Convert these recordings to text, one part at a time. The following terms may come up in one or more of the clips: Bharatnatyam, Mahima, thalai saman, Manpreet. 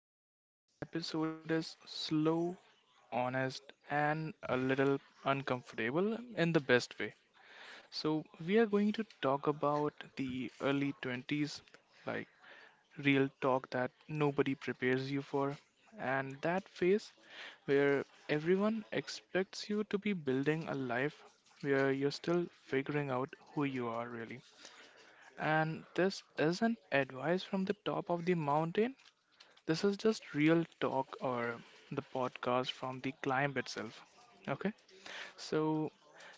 And today's episode is slow, honest, and a little uncomfortable in the best way. So, we are going to talk about the early 20s, like real talk that nobody prepares you for, and that phase where everyone expects you to be building a life where you're still figuring out who you are really. And this isn't advice from the top of the mountain. This is just real talk, or the podcast from the climb itself. Okay, mm, so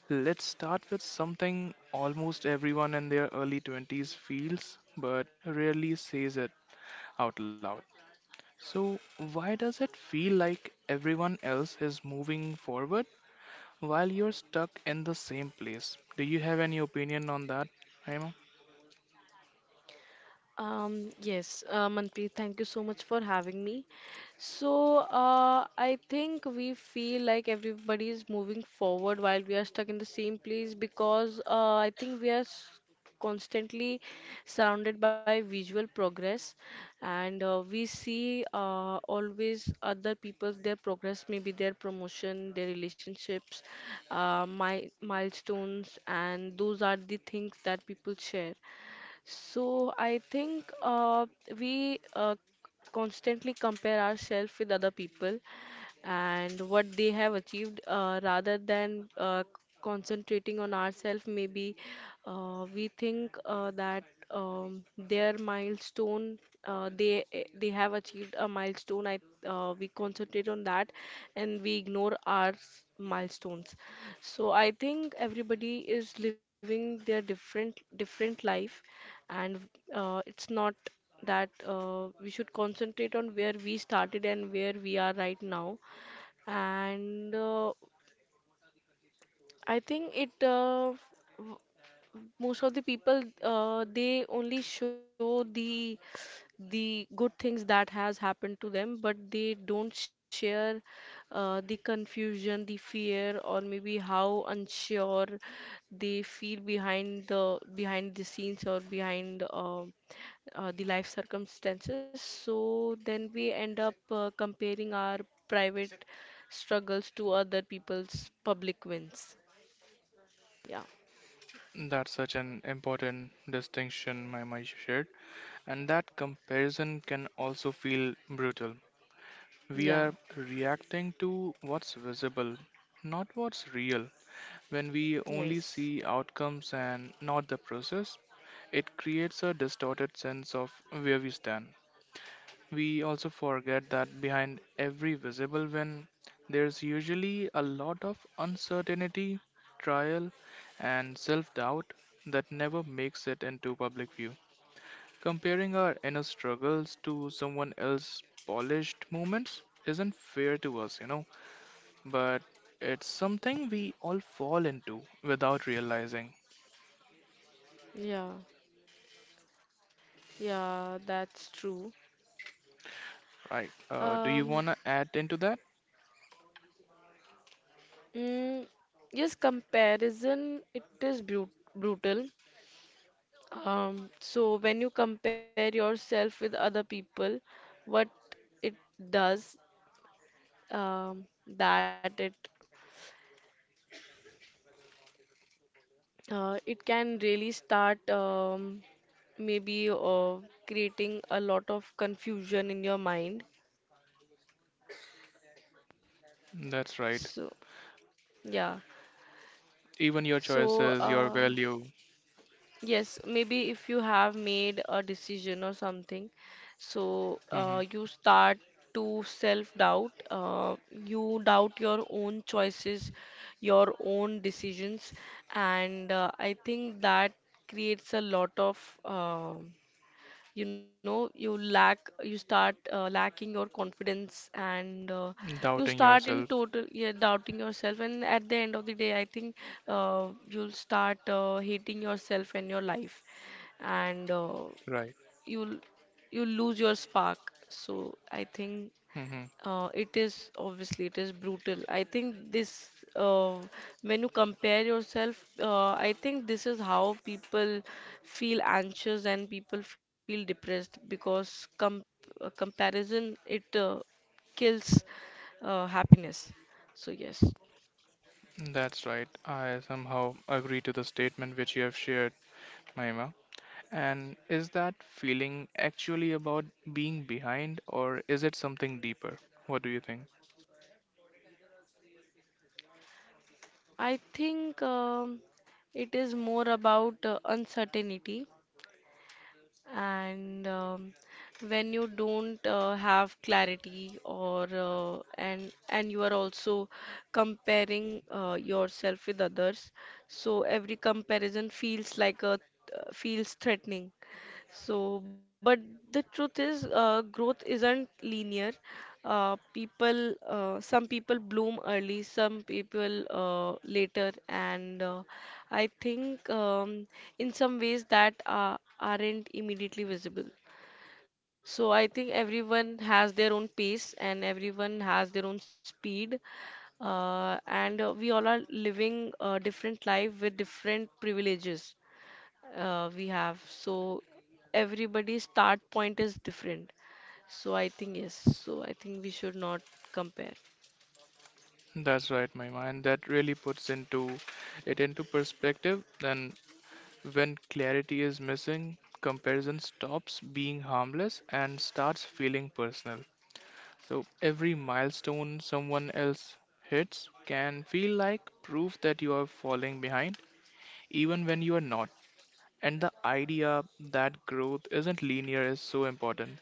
let's start with something almost everyone in their early 20s feels but rarely says it out loud. So, why does it feel like everyone else is moving forward while you're stuck in the same place? Do you have any opinion on that? Yes, Manpreet, thank you so much for having me. So, I think we feel like everybody is moving forward while we are stuck in the same place because I think constantly surrounded by visual progress, and we see always other people's their progress, maybe their promotion, their relationships, my milestones, and those are the things that people share. So I think we constantly compare ourselves with other people and what they have achieved, rather than concentrating on ourselves. Maybe we think that their milestone. They they have achieved a milestone. I We concentrate on that, and we ignore our milestones. So I think everybody is living their different different life, and it's not that we should concentrate on where we started and where we are right now, and I think it w- most of the people they only show the good things that has happened to them, but they don't share the confusion, the fear, or maybe how unsure they feel behind the scenes or behind the life circumstances. So then we end up comparing our private struggles to other people's public wins. Yeah, That's such an important distinction Maima shared, and that comparison can also feel brutal. We are yeah, reacting to what's visible, not what's real. When we only see yes, outcomes and not the process, it creates a distorted sense of where we stand. We also forget that behind every visible win, there's usually a lot of uncertainty, trial, and self doubt that never makes it into public view. Comparing our inner struggles to someone else's polished moments isn't fair to us, but it's something we all fall into without realizing. yeah, yeah, that's true. Right. Do you Um, want to add into that? mm, yes, comparison, it is brutal. So when you compare yourself with other people, what it does, um, that it it can really start, maybe creating a lot of confusion in your mind. That's right. So, yeah. Even your So, choices, your value. yes, maybe if you have made a decision or something, so Mm-hmm. you start to self-doubt. You doubt your own choices, your own decisions, and I think that creates a lot of, you know, you lack you start lacking your confidence, and you Doubting start in yourself, total, yeah, doubting yourself, and at the end of the day I think you'll start hating yourself and your life, and right? you'll you lose your spark. So I think Hmm. It is, obviously it is brutal. I think this, uh, when you compare yourself, I think this is how people feel anxious and people feel depressed, because com comparison, it kills happiness. So, yes. That's right. I somehow agree to the statement which you have shared, Mahima. And is that feeling actually about being behind, or is it something deeper? What do you think? I think it is more about uncertainty, and when you don't have clarity, or and you are also comparing yourself with others, so every comparison feels like a, feels threatening. So, but the truth is, growth isn't linear. People, some people bloom early, some people later, and I think in some ways that aren't immediately visible. So I think everyone has their own pace and everyone has their own speed, and we all are living a different life with different privileges we have. So everybody's start point is different. So I think, yes. So I think we should not compare. That's right, Mahima, and that really puts into it into perspective. Then, when clarity is missing, comparison stops being harmless and starts feeling personal. So every milestone someone else hits can feel like proof that you are falling behind, even when you are not. And the idea that growth isn't linear is so important.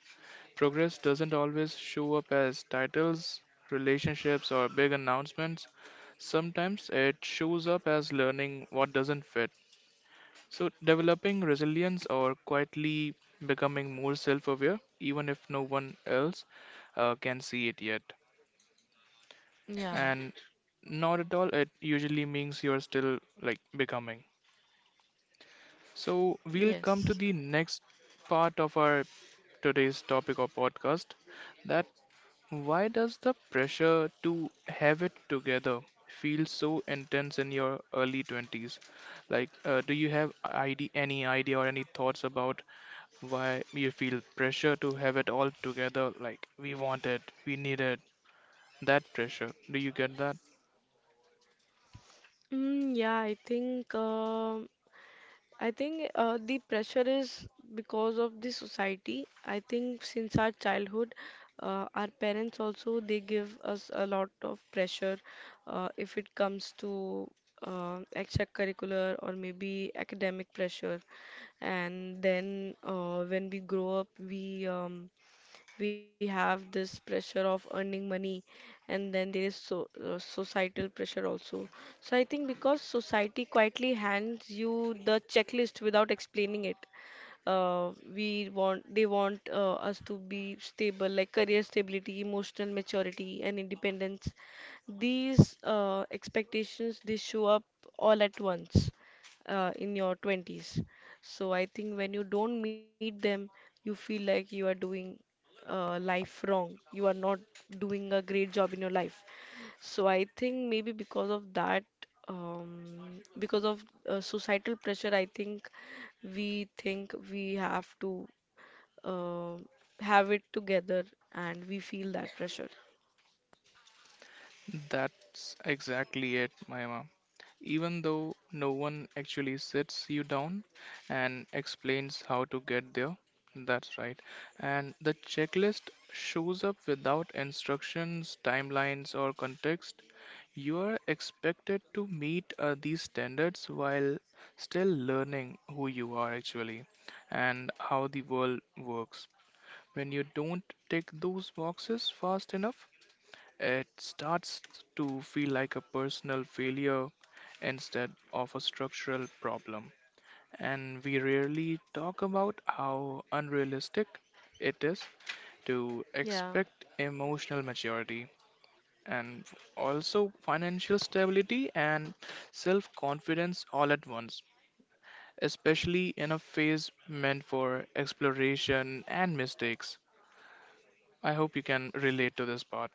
Progress doesn't always show up as titles, relationships, or big announcements. Sometimes it shows up as learning what doesn't fit. So, developing resilience or quietly becoming more self aware, even if no one else can see it yet. Yeah. And not at all, it usually means you're still like becoming. So we'll come to Yes. the next part of our today's topic or podcast: that why does the pressure to have it together feel so intense in your early 20s? Like, do you have id any idea or any thoughts about why you feel pressure to have it all together? Like, we want it, we need it, that pressure. Do you get that? Yeah, I think. I think the pressure is because of the society. I think since our childhood, our parents also, they give us a lot of pressure if it comes to extracurricular or maybe academic pressure. And then when we grow up, we have this pressure of earning money, and then there is so societal pressure also. So I think because society quietly hands you the checklist without explaining it. We want They want us to be stable, like career stability, emotional maturity, and independence. These expectations, they show up all at once in your 20s. So I think when you don't meet them, you feel like you are doing life wrong, you are not doing a great job in your life. So I think maybe because of that, because of societal pressure, I think we have to uh, have it together, and we feel that pressure. That's exactly it, Mahima. Even though no one actually sits you down and explains how to get there, that's right. And the checklist shows up without instructions, timelines, or context. You are expected to meet these standards while still learning who you are actually and how the world works. When you don't tick those boxes fast enough, it starts to feel like a personal failure instead of a structural problem. And we rarely talk about how unrealistic it is to Yeah. expect emotional maturity and also financial stability and self confidence all at once, especially in a phase meant for exploration and mistakes. I hope you can relate to this part.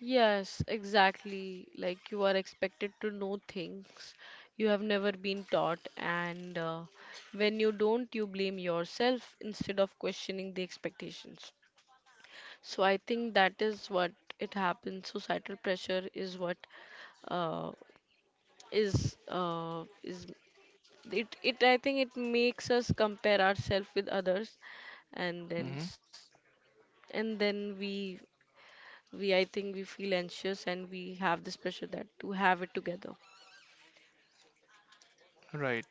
Yes, exactly. Like you are expected to know things you have never been taught, and when you don't, you blame yourself instead of questioning the expectations. So I think that is what it happens. So, societal pressure is what uh, is it, it. I think it makes us compare ourselves with others, and then Hmm. s- and then we I think we feel anxious, and we have this pressure that to have it together. Right.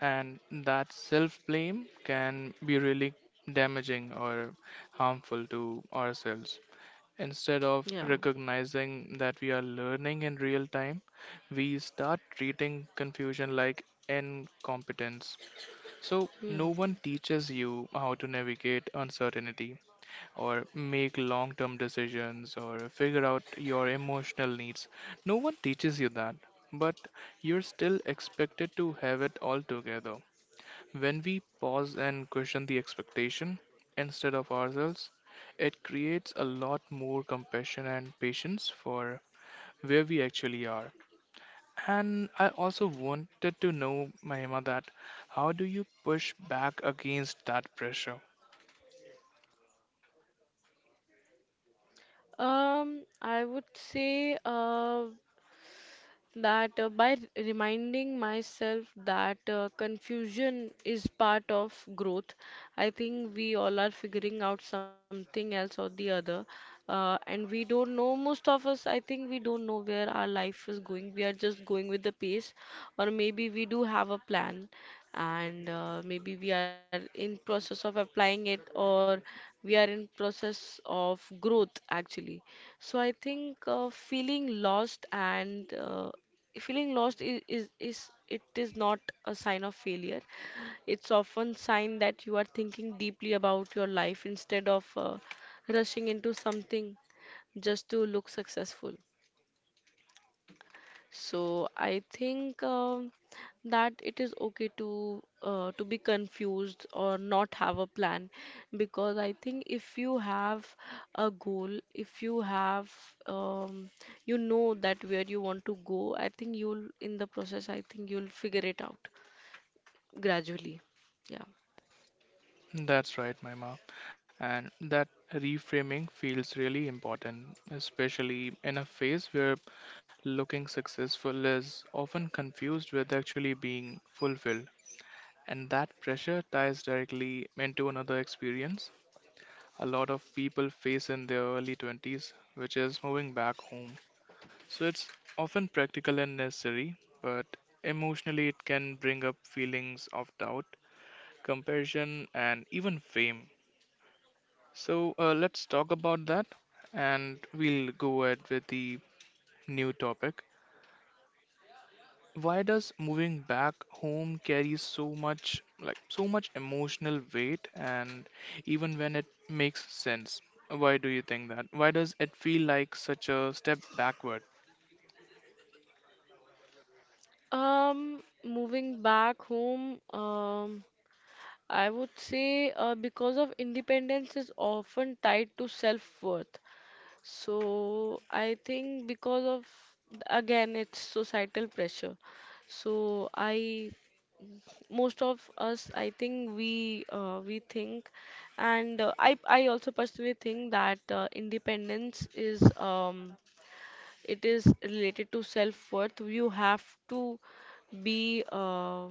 And that self-blame can be really damaging or harmful to ourselves. Instead of Yeah. recognizing that we are learning in real time, we start treating confusion like incompetence. So, no one Hmm. teaches you how to navigate uncertainty or make long term decisions or figure out your emotional needs. No one teaches you that, but you're still expected to have it all together. When we pause and question the expectation instead of ourselves, it creates a lot more compassion and patience for where we actually are. And I also wanted to know, Mahima, that how do you push back against that pressure? I would say that by reminding myself that confusion is part of growth. I think we all are figuring out something else or the other. And we don't know, most of us, I think we don't know where our life is going. We are just going with the pace, or maybe we do have a plan, and maybe we are in process of applying it, or we are in process of growth actually. So I think feeling lost, and feeling lost is it is not a sign of failure. It's often sign that you are thinking deeply about your life instead of rushing into something just to look successful. So I think that it is okay to be confused or not have a plan, because I think if you have a goal, if you have, um, you know that where you want to go, I think you'll, in the process, I think you'll figure it out gradually. Yeah. That's right, Maima. And that reframing feels really important, especially in a phase where looking successful is often confused with actually being fulfilled. And that pressure ties directly into another experience a lot of people face in their early 20s, which is moving back home. So it's often practical and necessary, but emotionally it can bring up feelings of doubt, comparison, and even fame. So let's talk about that and we'll go ahead with the new topic. Why does moving back home carry so much, like so much emotional weight, and even when it makes sense, why do you think that? Why does it feel like such a step backward? Moving back home, I would say because of independence is often tied to self-worth. So I think because of, again, it's societal pressure. So I, most of us I think we think, and I also personally think that independence is, it is related to self-worth. You have to be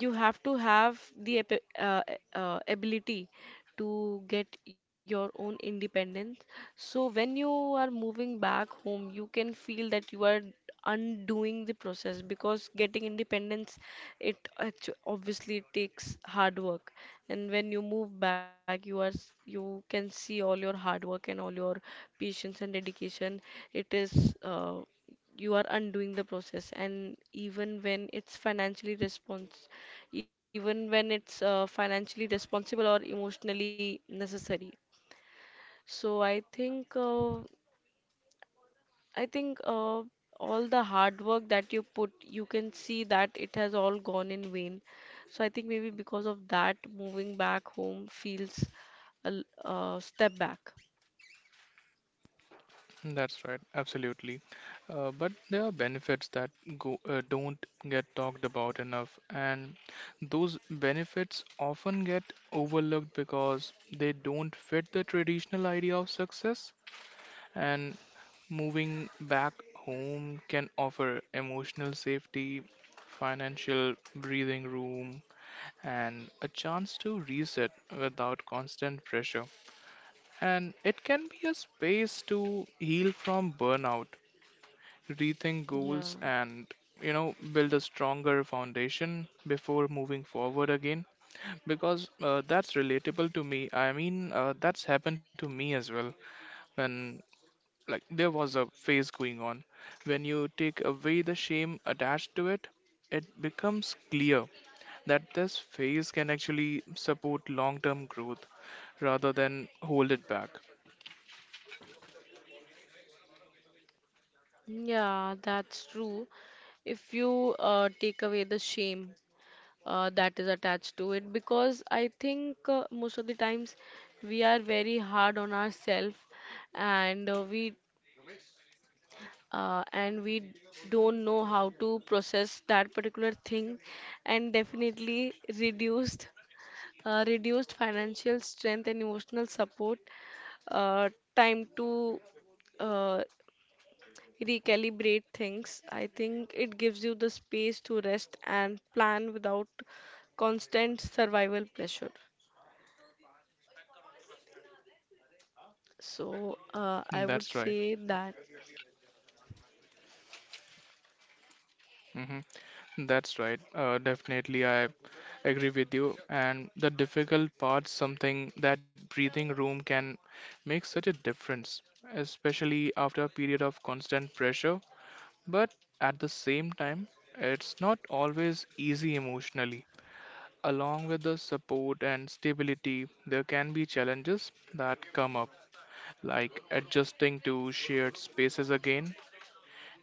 you have to have the ability to get your own independence. So when you are moving back home, you can feel that you are undoing the process, because getting independence, it obviously it takes hard work. And when you move back, you are you can see all your hard work and all your patience and dedication. It is you are undoing the process, and even when it's financially respons even when it's financially responsible or emotionally necessary. So I think I think uh, all the hard work that you put, you can see that it has all gone in vain. So I think maybe because of that, moving back home feels a step back. That's right, absolutely. But there are benefits that go don't get talked about enough, and those benefits often get overlooked because they don't fit the traditional idea of success. And moving back home can offer emotional safety, financial breathing room, and a chance to reset without constant pressure. And it can be a space to heal from burnout, rethink Yeah, goals, and build a stronger foundation before moving forward again, because that's relatable to me, I mean, that's happened to me as well. When like there was a phase going on, when you take away the shame attached to it, it becomes clear that this phase can actually support long term growth rather than hold it back. yeah, that's true. If you take away the shame, that is attached to it, because I think most of the times we are very hard on ourselves, and we don't know how to process that particular thing. And definitely reduced reduced financial strength and emotional support, uh, time to uh, recalibrate things. I think it gives you the space to rest and plan without constant survival pressure. So I would That's right. say that, Mm-hmm. That's right. Definitely, I agree with you. And the difficult part, something that breathing room can make such a difference, especially after a period of constant pressure. But at the same time, it's not always easy emotionally. Along with the support and stability, there can be challenges that come up, like adjusting to shared spaces again,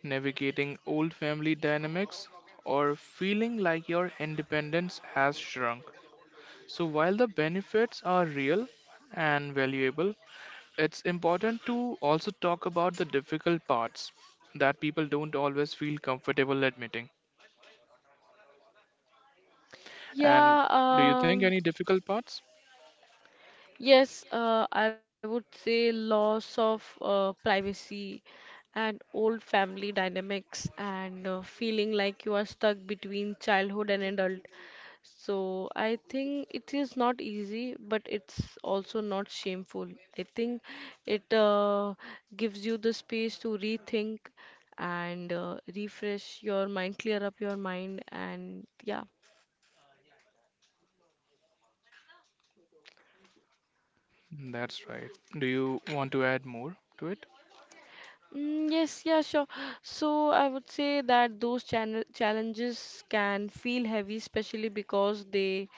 navigating old family dynamics, or feeling like your independence has shrunk. So, while the benefits are real and valuable, it's important to also talk about the difficult parts that people don't always feel comfortable admitting. And yeah. do you think any difficult parts? Yes, I would say loss of privacy and old family dynamics, and feeling like you are stuck between childhood and adult. So I think it is not easy, but it's also not shameful. I think it gives you the space to rethink, and refresh your mind, clear up your mind, and yeah. That's right. Do you want to add more to it? Yes, yeah, sure. So I would say that those channel challenges can feel heavy, especially because they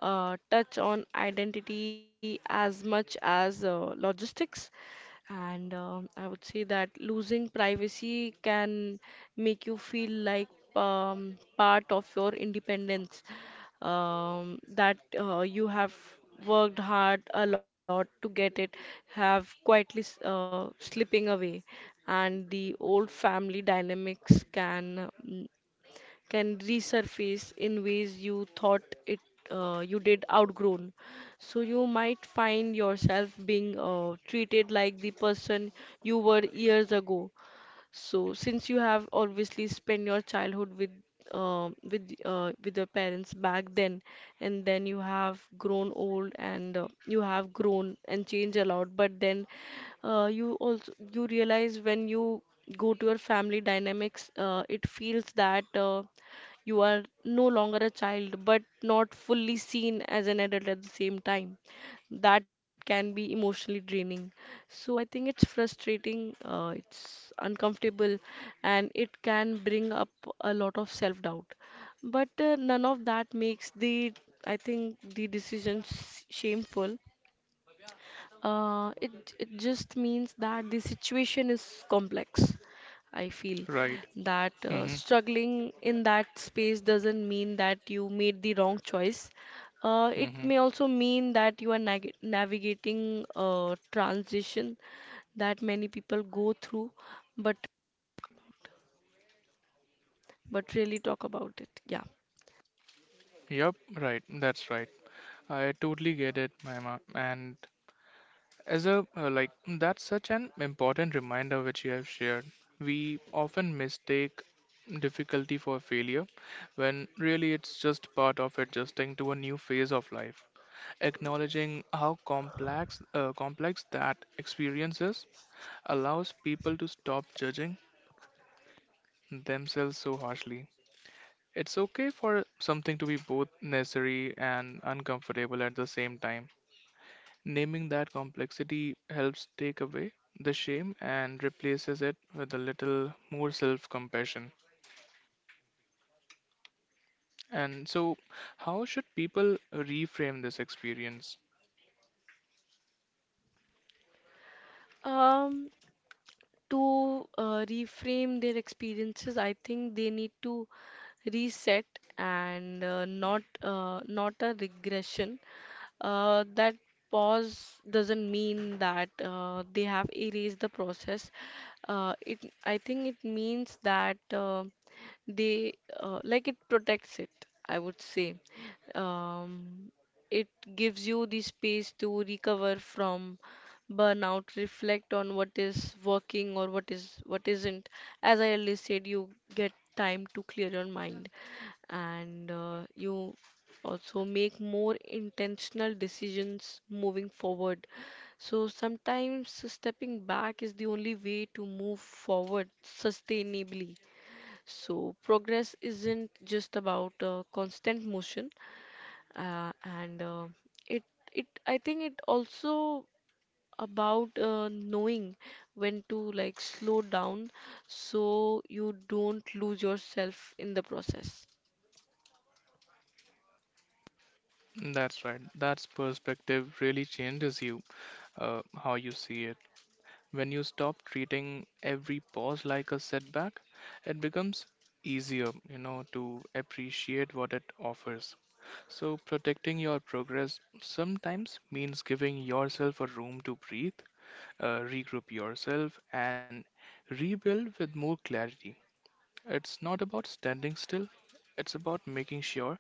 touch on identity as much as logistics. And I would say that losing privacy can make you feel like part of your independence, that you have worked hard a lot to get it, have quietly slipping away. And the old family dynamics can, can resurface in ways you thought it, you did outgrown. So you might find yourself being treated like the person you were years ago. So since you have obviously spent your childhood with with your parents back then, and then you have grown old, and you have grown and changed a lot, but then you also you realize when you go to your family dynamics, it feels that you are no longer a child, but not fully seen as an adult at the same time. That can be emotionally draining. So I think it's frustrating, it's uncomfortable, and it can bring up a lot of self-doubt. But none of that makes the, I think, the decisions shameful. It just means that the situation is complex. I feel Right. that Mm-hmm. struggling in that space doesn't mean that you made the wrong choice. It Mm-hmm. may also mean that you are nag navigating a transition that many people go through, but but really talk about it. Yeah. Yep, right. That's right. I totally get it, Maima. And As a like that's such an important reminder which you have shared. We often mistake difficulty for failure when really it's just part of adjusting to a new phase of life. Acknowledging how complex that experience is allows people to stop judging themselves so harshly. It's okay for something to be both necessary and uncomfortable at the same time. Naming that complexity helps take away the shame and replaces it with a little more self compassion. And so, how should people reframe this experience? Um, to reframe their experiences, I think they need to reset and not not a regression. That pause doesn't mean that they have erased the process it I think it means that they like it protects it, I would say. um, it gives you the space to recover from burnout, reflect on what is working or what is what isn't. As I already said, you get time to clear your mind, and you also make more intentional decisions moving forward. So sometimes stepping back is the only way to move forward sustainably. So progress isn't just about constant motion, and it it I think it also about knowing when to like slow down so you don't lose yourself in the process. That's right, that's perspective really changes you, how you see it. When you stop treating every pause like a setback, it becomes easier, to appreciate what it offers. So, protecting your progress sometimes means giving yourself a room to breathe, regroup yourself, and rebuild with more clarity. It's not about standing still, it's about making sure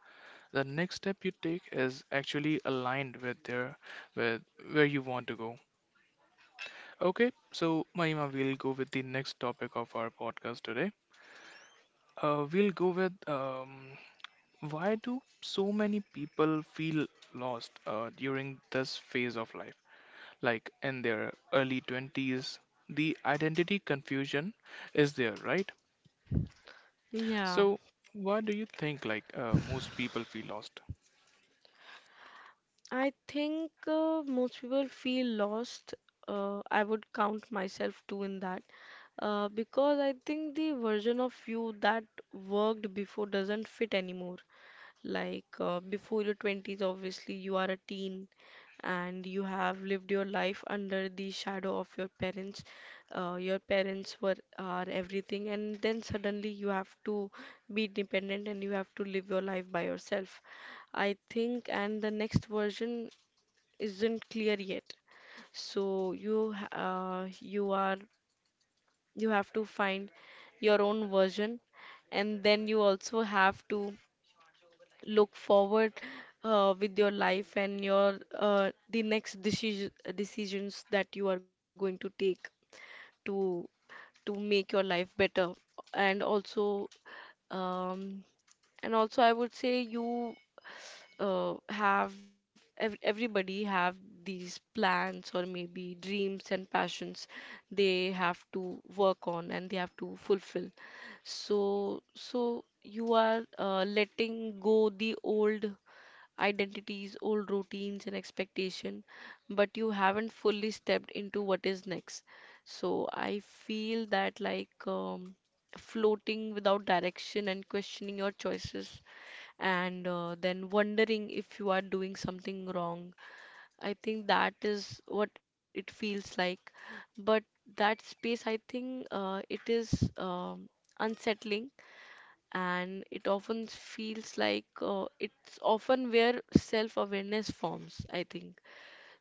the next step you take is actually aligned with, with where you want to go. Okay, so Mahima, we'll go with the next topic of our podcast today. We'll go with why do so many people feel lost during this phase of life? Like in their early 20s, the identity confusion is there, right? Yeah. So, why do you think like most people feel lost? I think most people feel lost. I would count myself too in that. Because I think the version of you that worked before doesn't fit anymore. Like before your 20s, obviously, you are a teen and you have lived your life under the shadow of your parents. Your parents were are everything, and then suddenly you have to be dependent and you have to live your life by yourself. I think, and the next version isn't clear yet. So you have to find your own version, and then you also have to look forward with your life and your the next decisions that you are going to take to to make your life better, and also um, and also I would say you have ev everybody have these plans or maybe dreams and passions they have to work on and they have to fulfill. So so you are letting go the old identities, old routines and expectation, but you haven't fully stepped into what is next. So I feel that like um, floating without direction and questioning your choices and then wondering if you are doing something wrong. I think that is what it feels like. But that space, I think it is unsettling, and it often feels like it's often where self awareness forms, I think.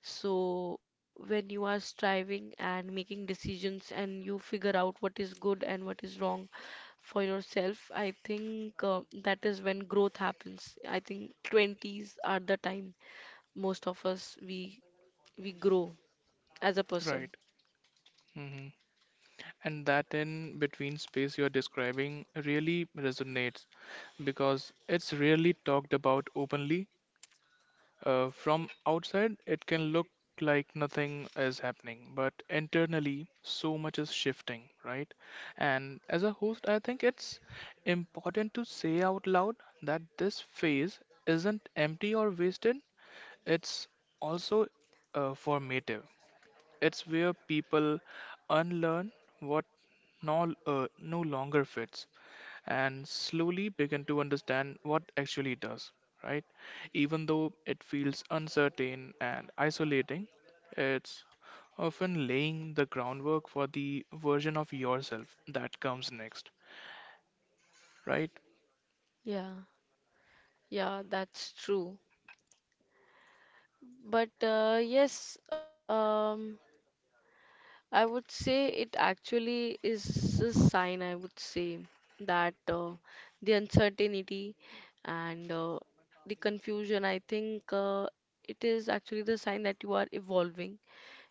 So, when you are striving and making decisions and you figure out what is good and what is wrong for yourself, I think that is when growth happens. I think 20s are the time most of us we grow as a person. Right. Hmm. And that in between space you're describing really resonates because it's rarely talked about openly. From outside, it can look like nothing is happening, but internally, so much is shifting, right? And as a host, I think it's important to say out loud that this phase isn't empty or wasted, it's also formative. It's where people unlearn what no longer fits and slowly begin to understand what actually does, right? Even though it feels uncertain and isolating, it's often laying the groundwork for the version of yourself that comes next, right? Yeah, yeah, that's true. But yes, I would say it actually is a sign, I would say, that the uncertainty and the confusion, I think it is actually the sign that you are evolving,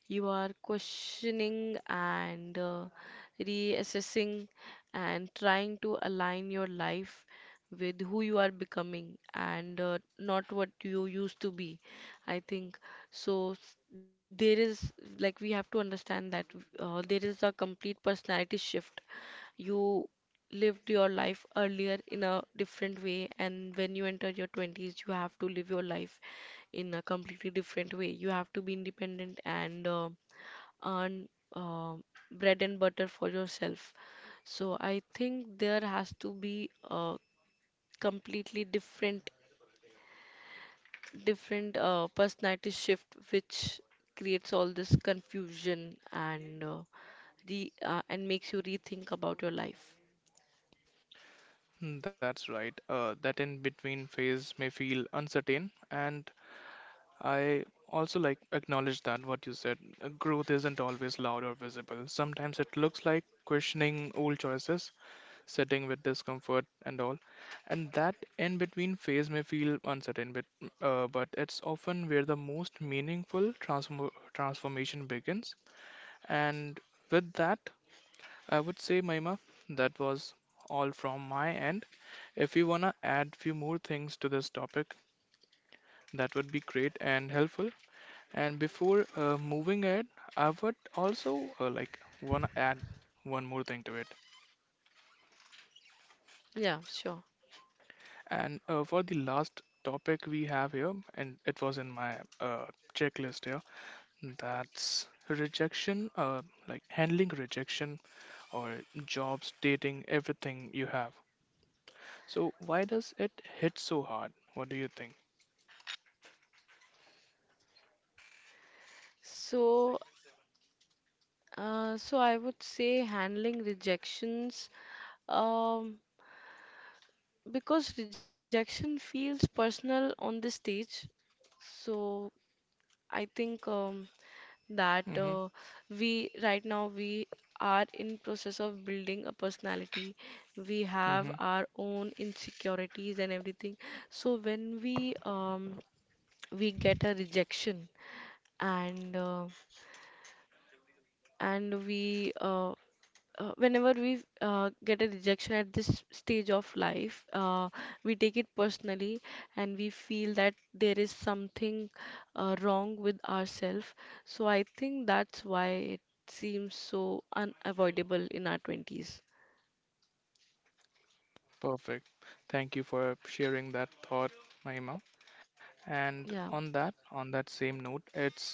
you are questioning and reassessing and trying to align your life with who you are becoming and not what you used to be. I think so. There is like we have to understand that there is a complete personality shift. You lived your life earlier in a different way, and when you enter your 20s you have to live your life in a completely different way. You have to be independent and earn um bread and butter for yourself. So I think there has to be a completely different personality shift which creates all this confusion and re and makes you rethink about your life. Hmm. That's right. That in between phase may feel uncertain, and I also like acknowledge that what you said. Growth isn't always loud or visible. Sometimes it looks like questioning old choices, sitting with discomfort and all. And that in between phase may feel uncertain, but it's often where the most meaningful transformation begins. And with that, I would say, Maima, that was all from my end. If you wanna add few more things to this topic, that would be great and helpful. And before moving it, I would also like wanna add one more thing to it. Yeah, sure. And for the last topic we have here, and it was in my checklist here, that's rejection, like handling rejection or jobs, dating, everything you have. So why does it hit so hard? What do you think? So, so I would say handling rejections, um, because rejection feels personal on the stage. So I think that Mm-hmm. We right now we are in process of building a personality, we have Mm-hmm. our own insecurities and everything. So when we get a rejection and uh, and we whenever we get a rejection at this stage of life, we take it personally, and we feel that there is something wrong with ourselves. So I think that's why it seems so unavoidable in our 20s. Perfect. Thank you for sharing that thought, Mahima. And Yeah. on that same note, it's.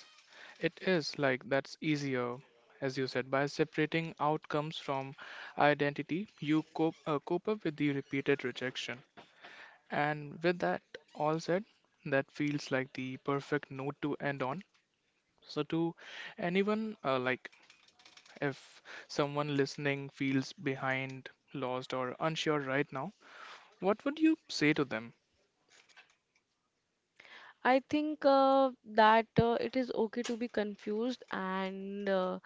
It is like that's easier, as you said, by separating outcomes from identity, you cope up with the repeated rejection. And with that all said, that feels like the perfect note to end on. So, to anyone, like if someone listening feels behind, lost, or unsure right now, what would you say to them? I think that it is okay to be confused, and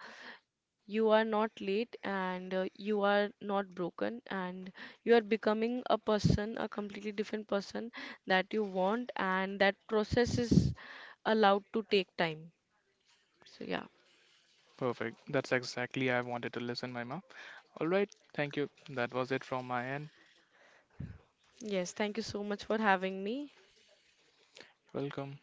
you are not late, and you are not broken, and you are becoming a person, a completely different person that you want, and that process is allowed to take time. So, yeah. Perfect. That's exactly I wanted to listen, Maima. All right. Thank you. That was it from my end. Yes, thank you so much for having me. Welcome.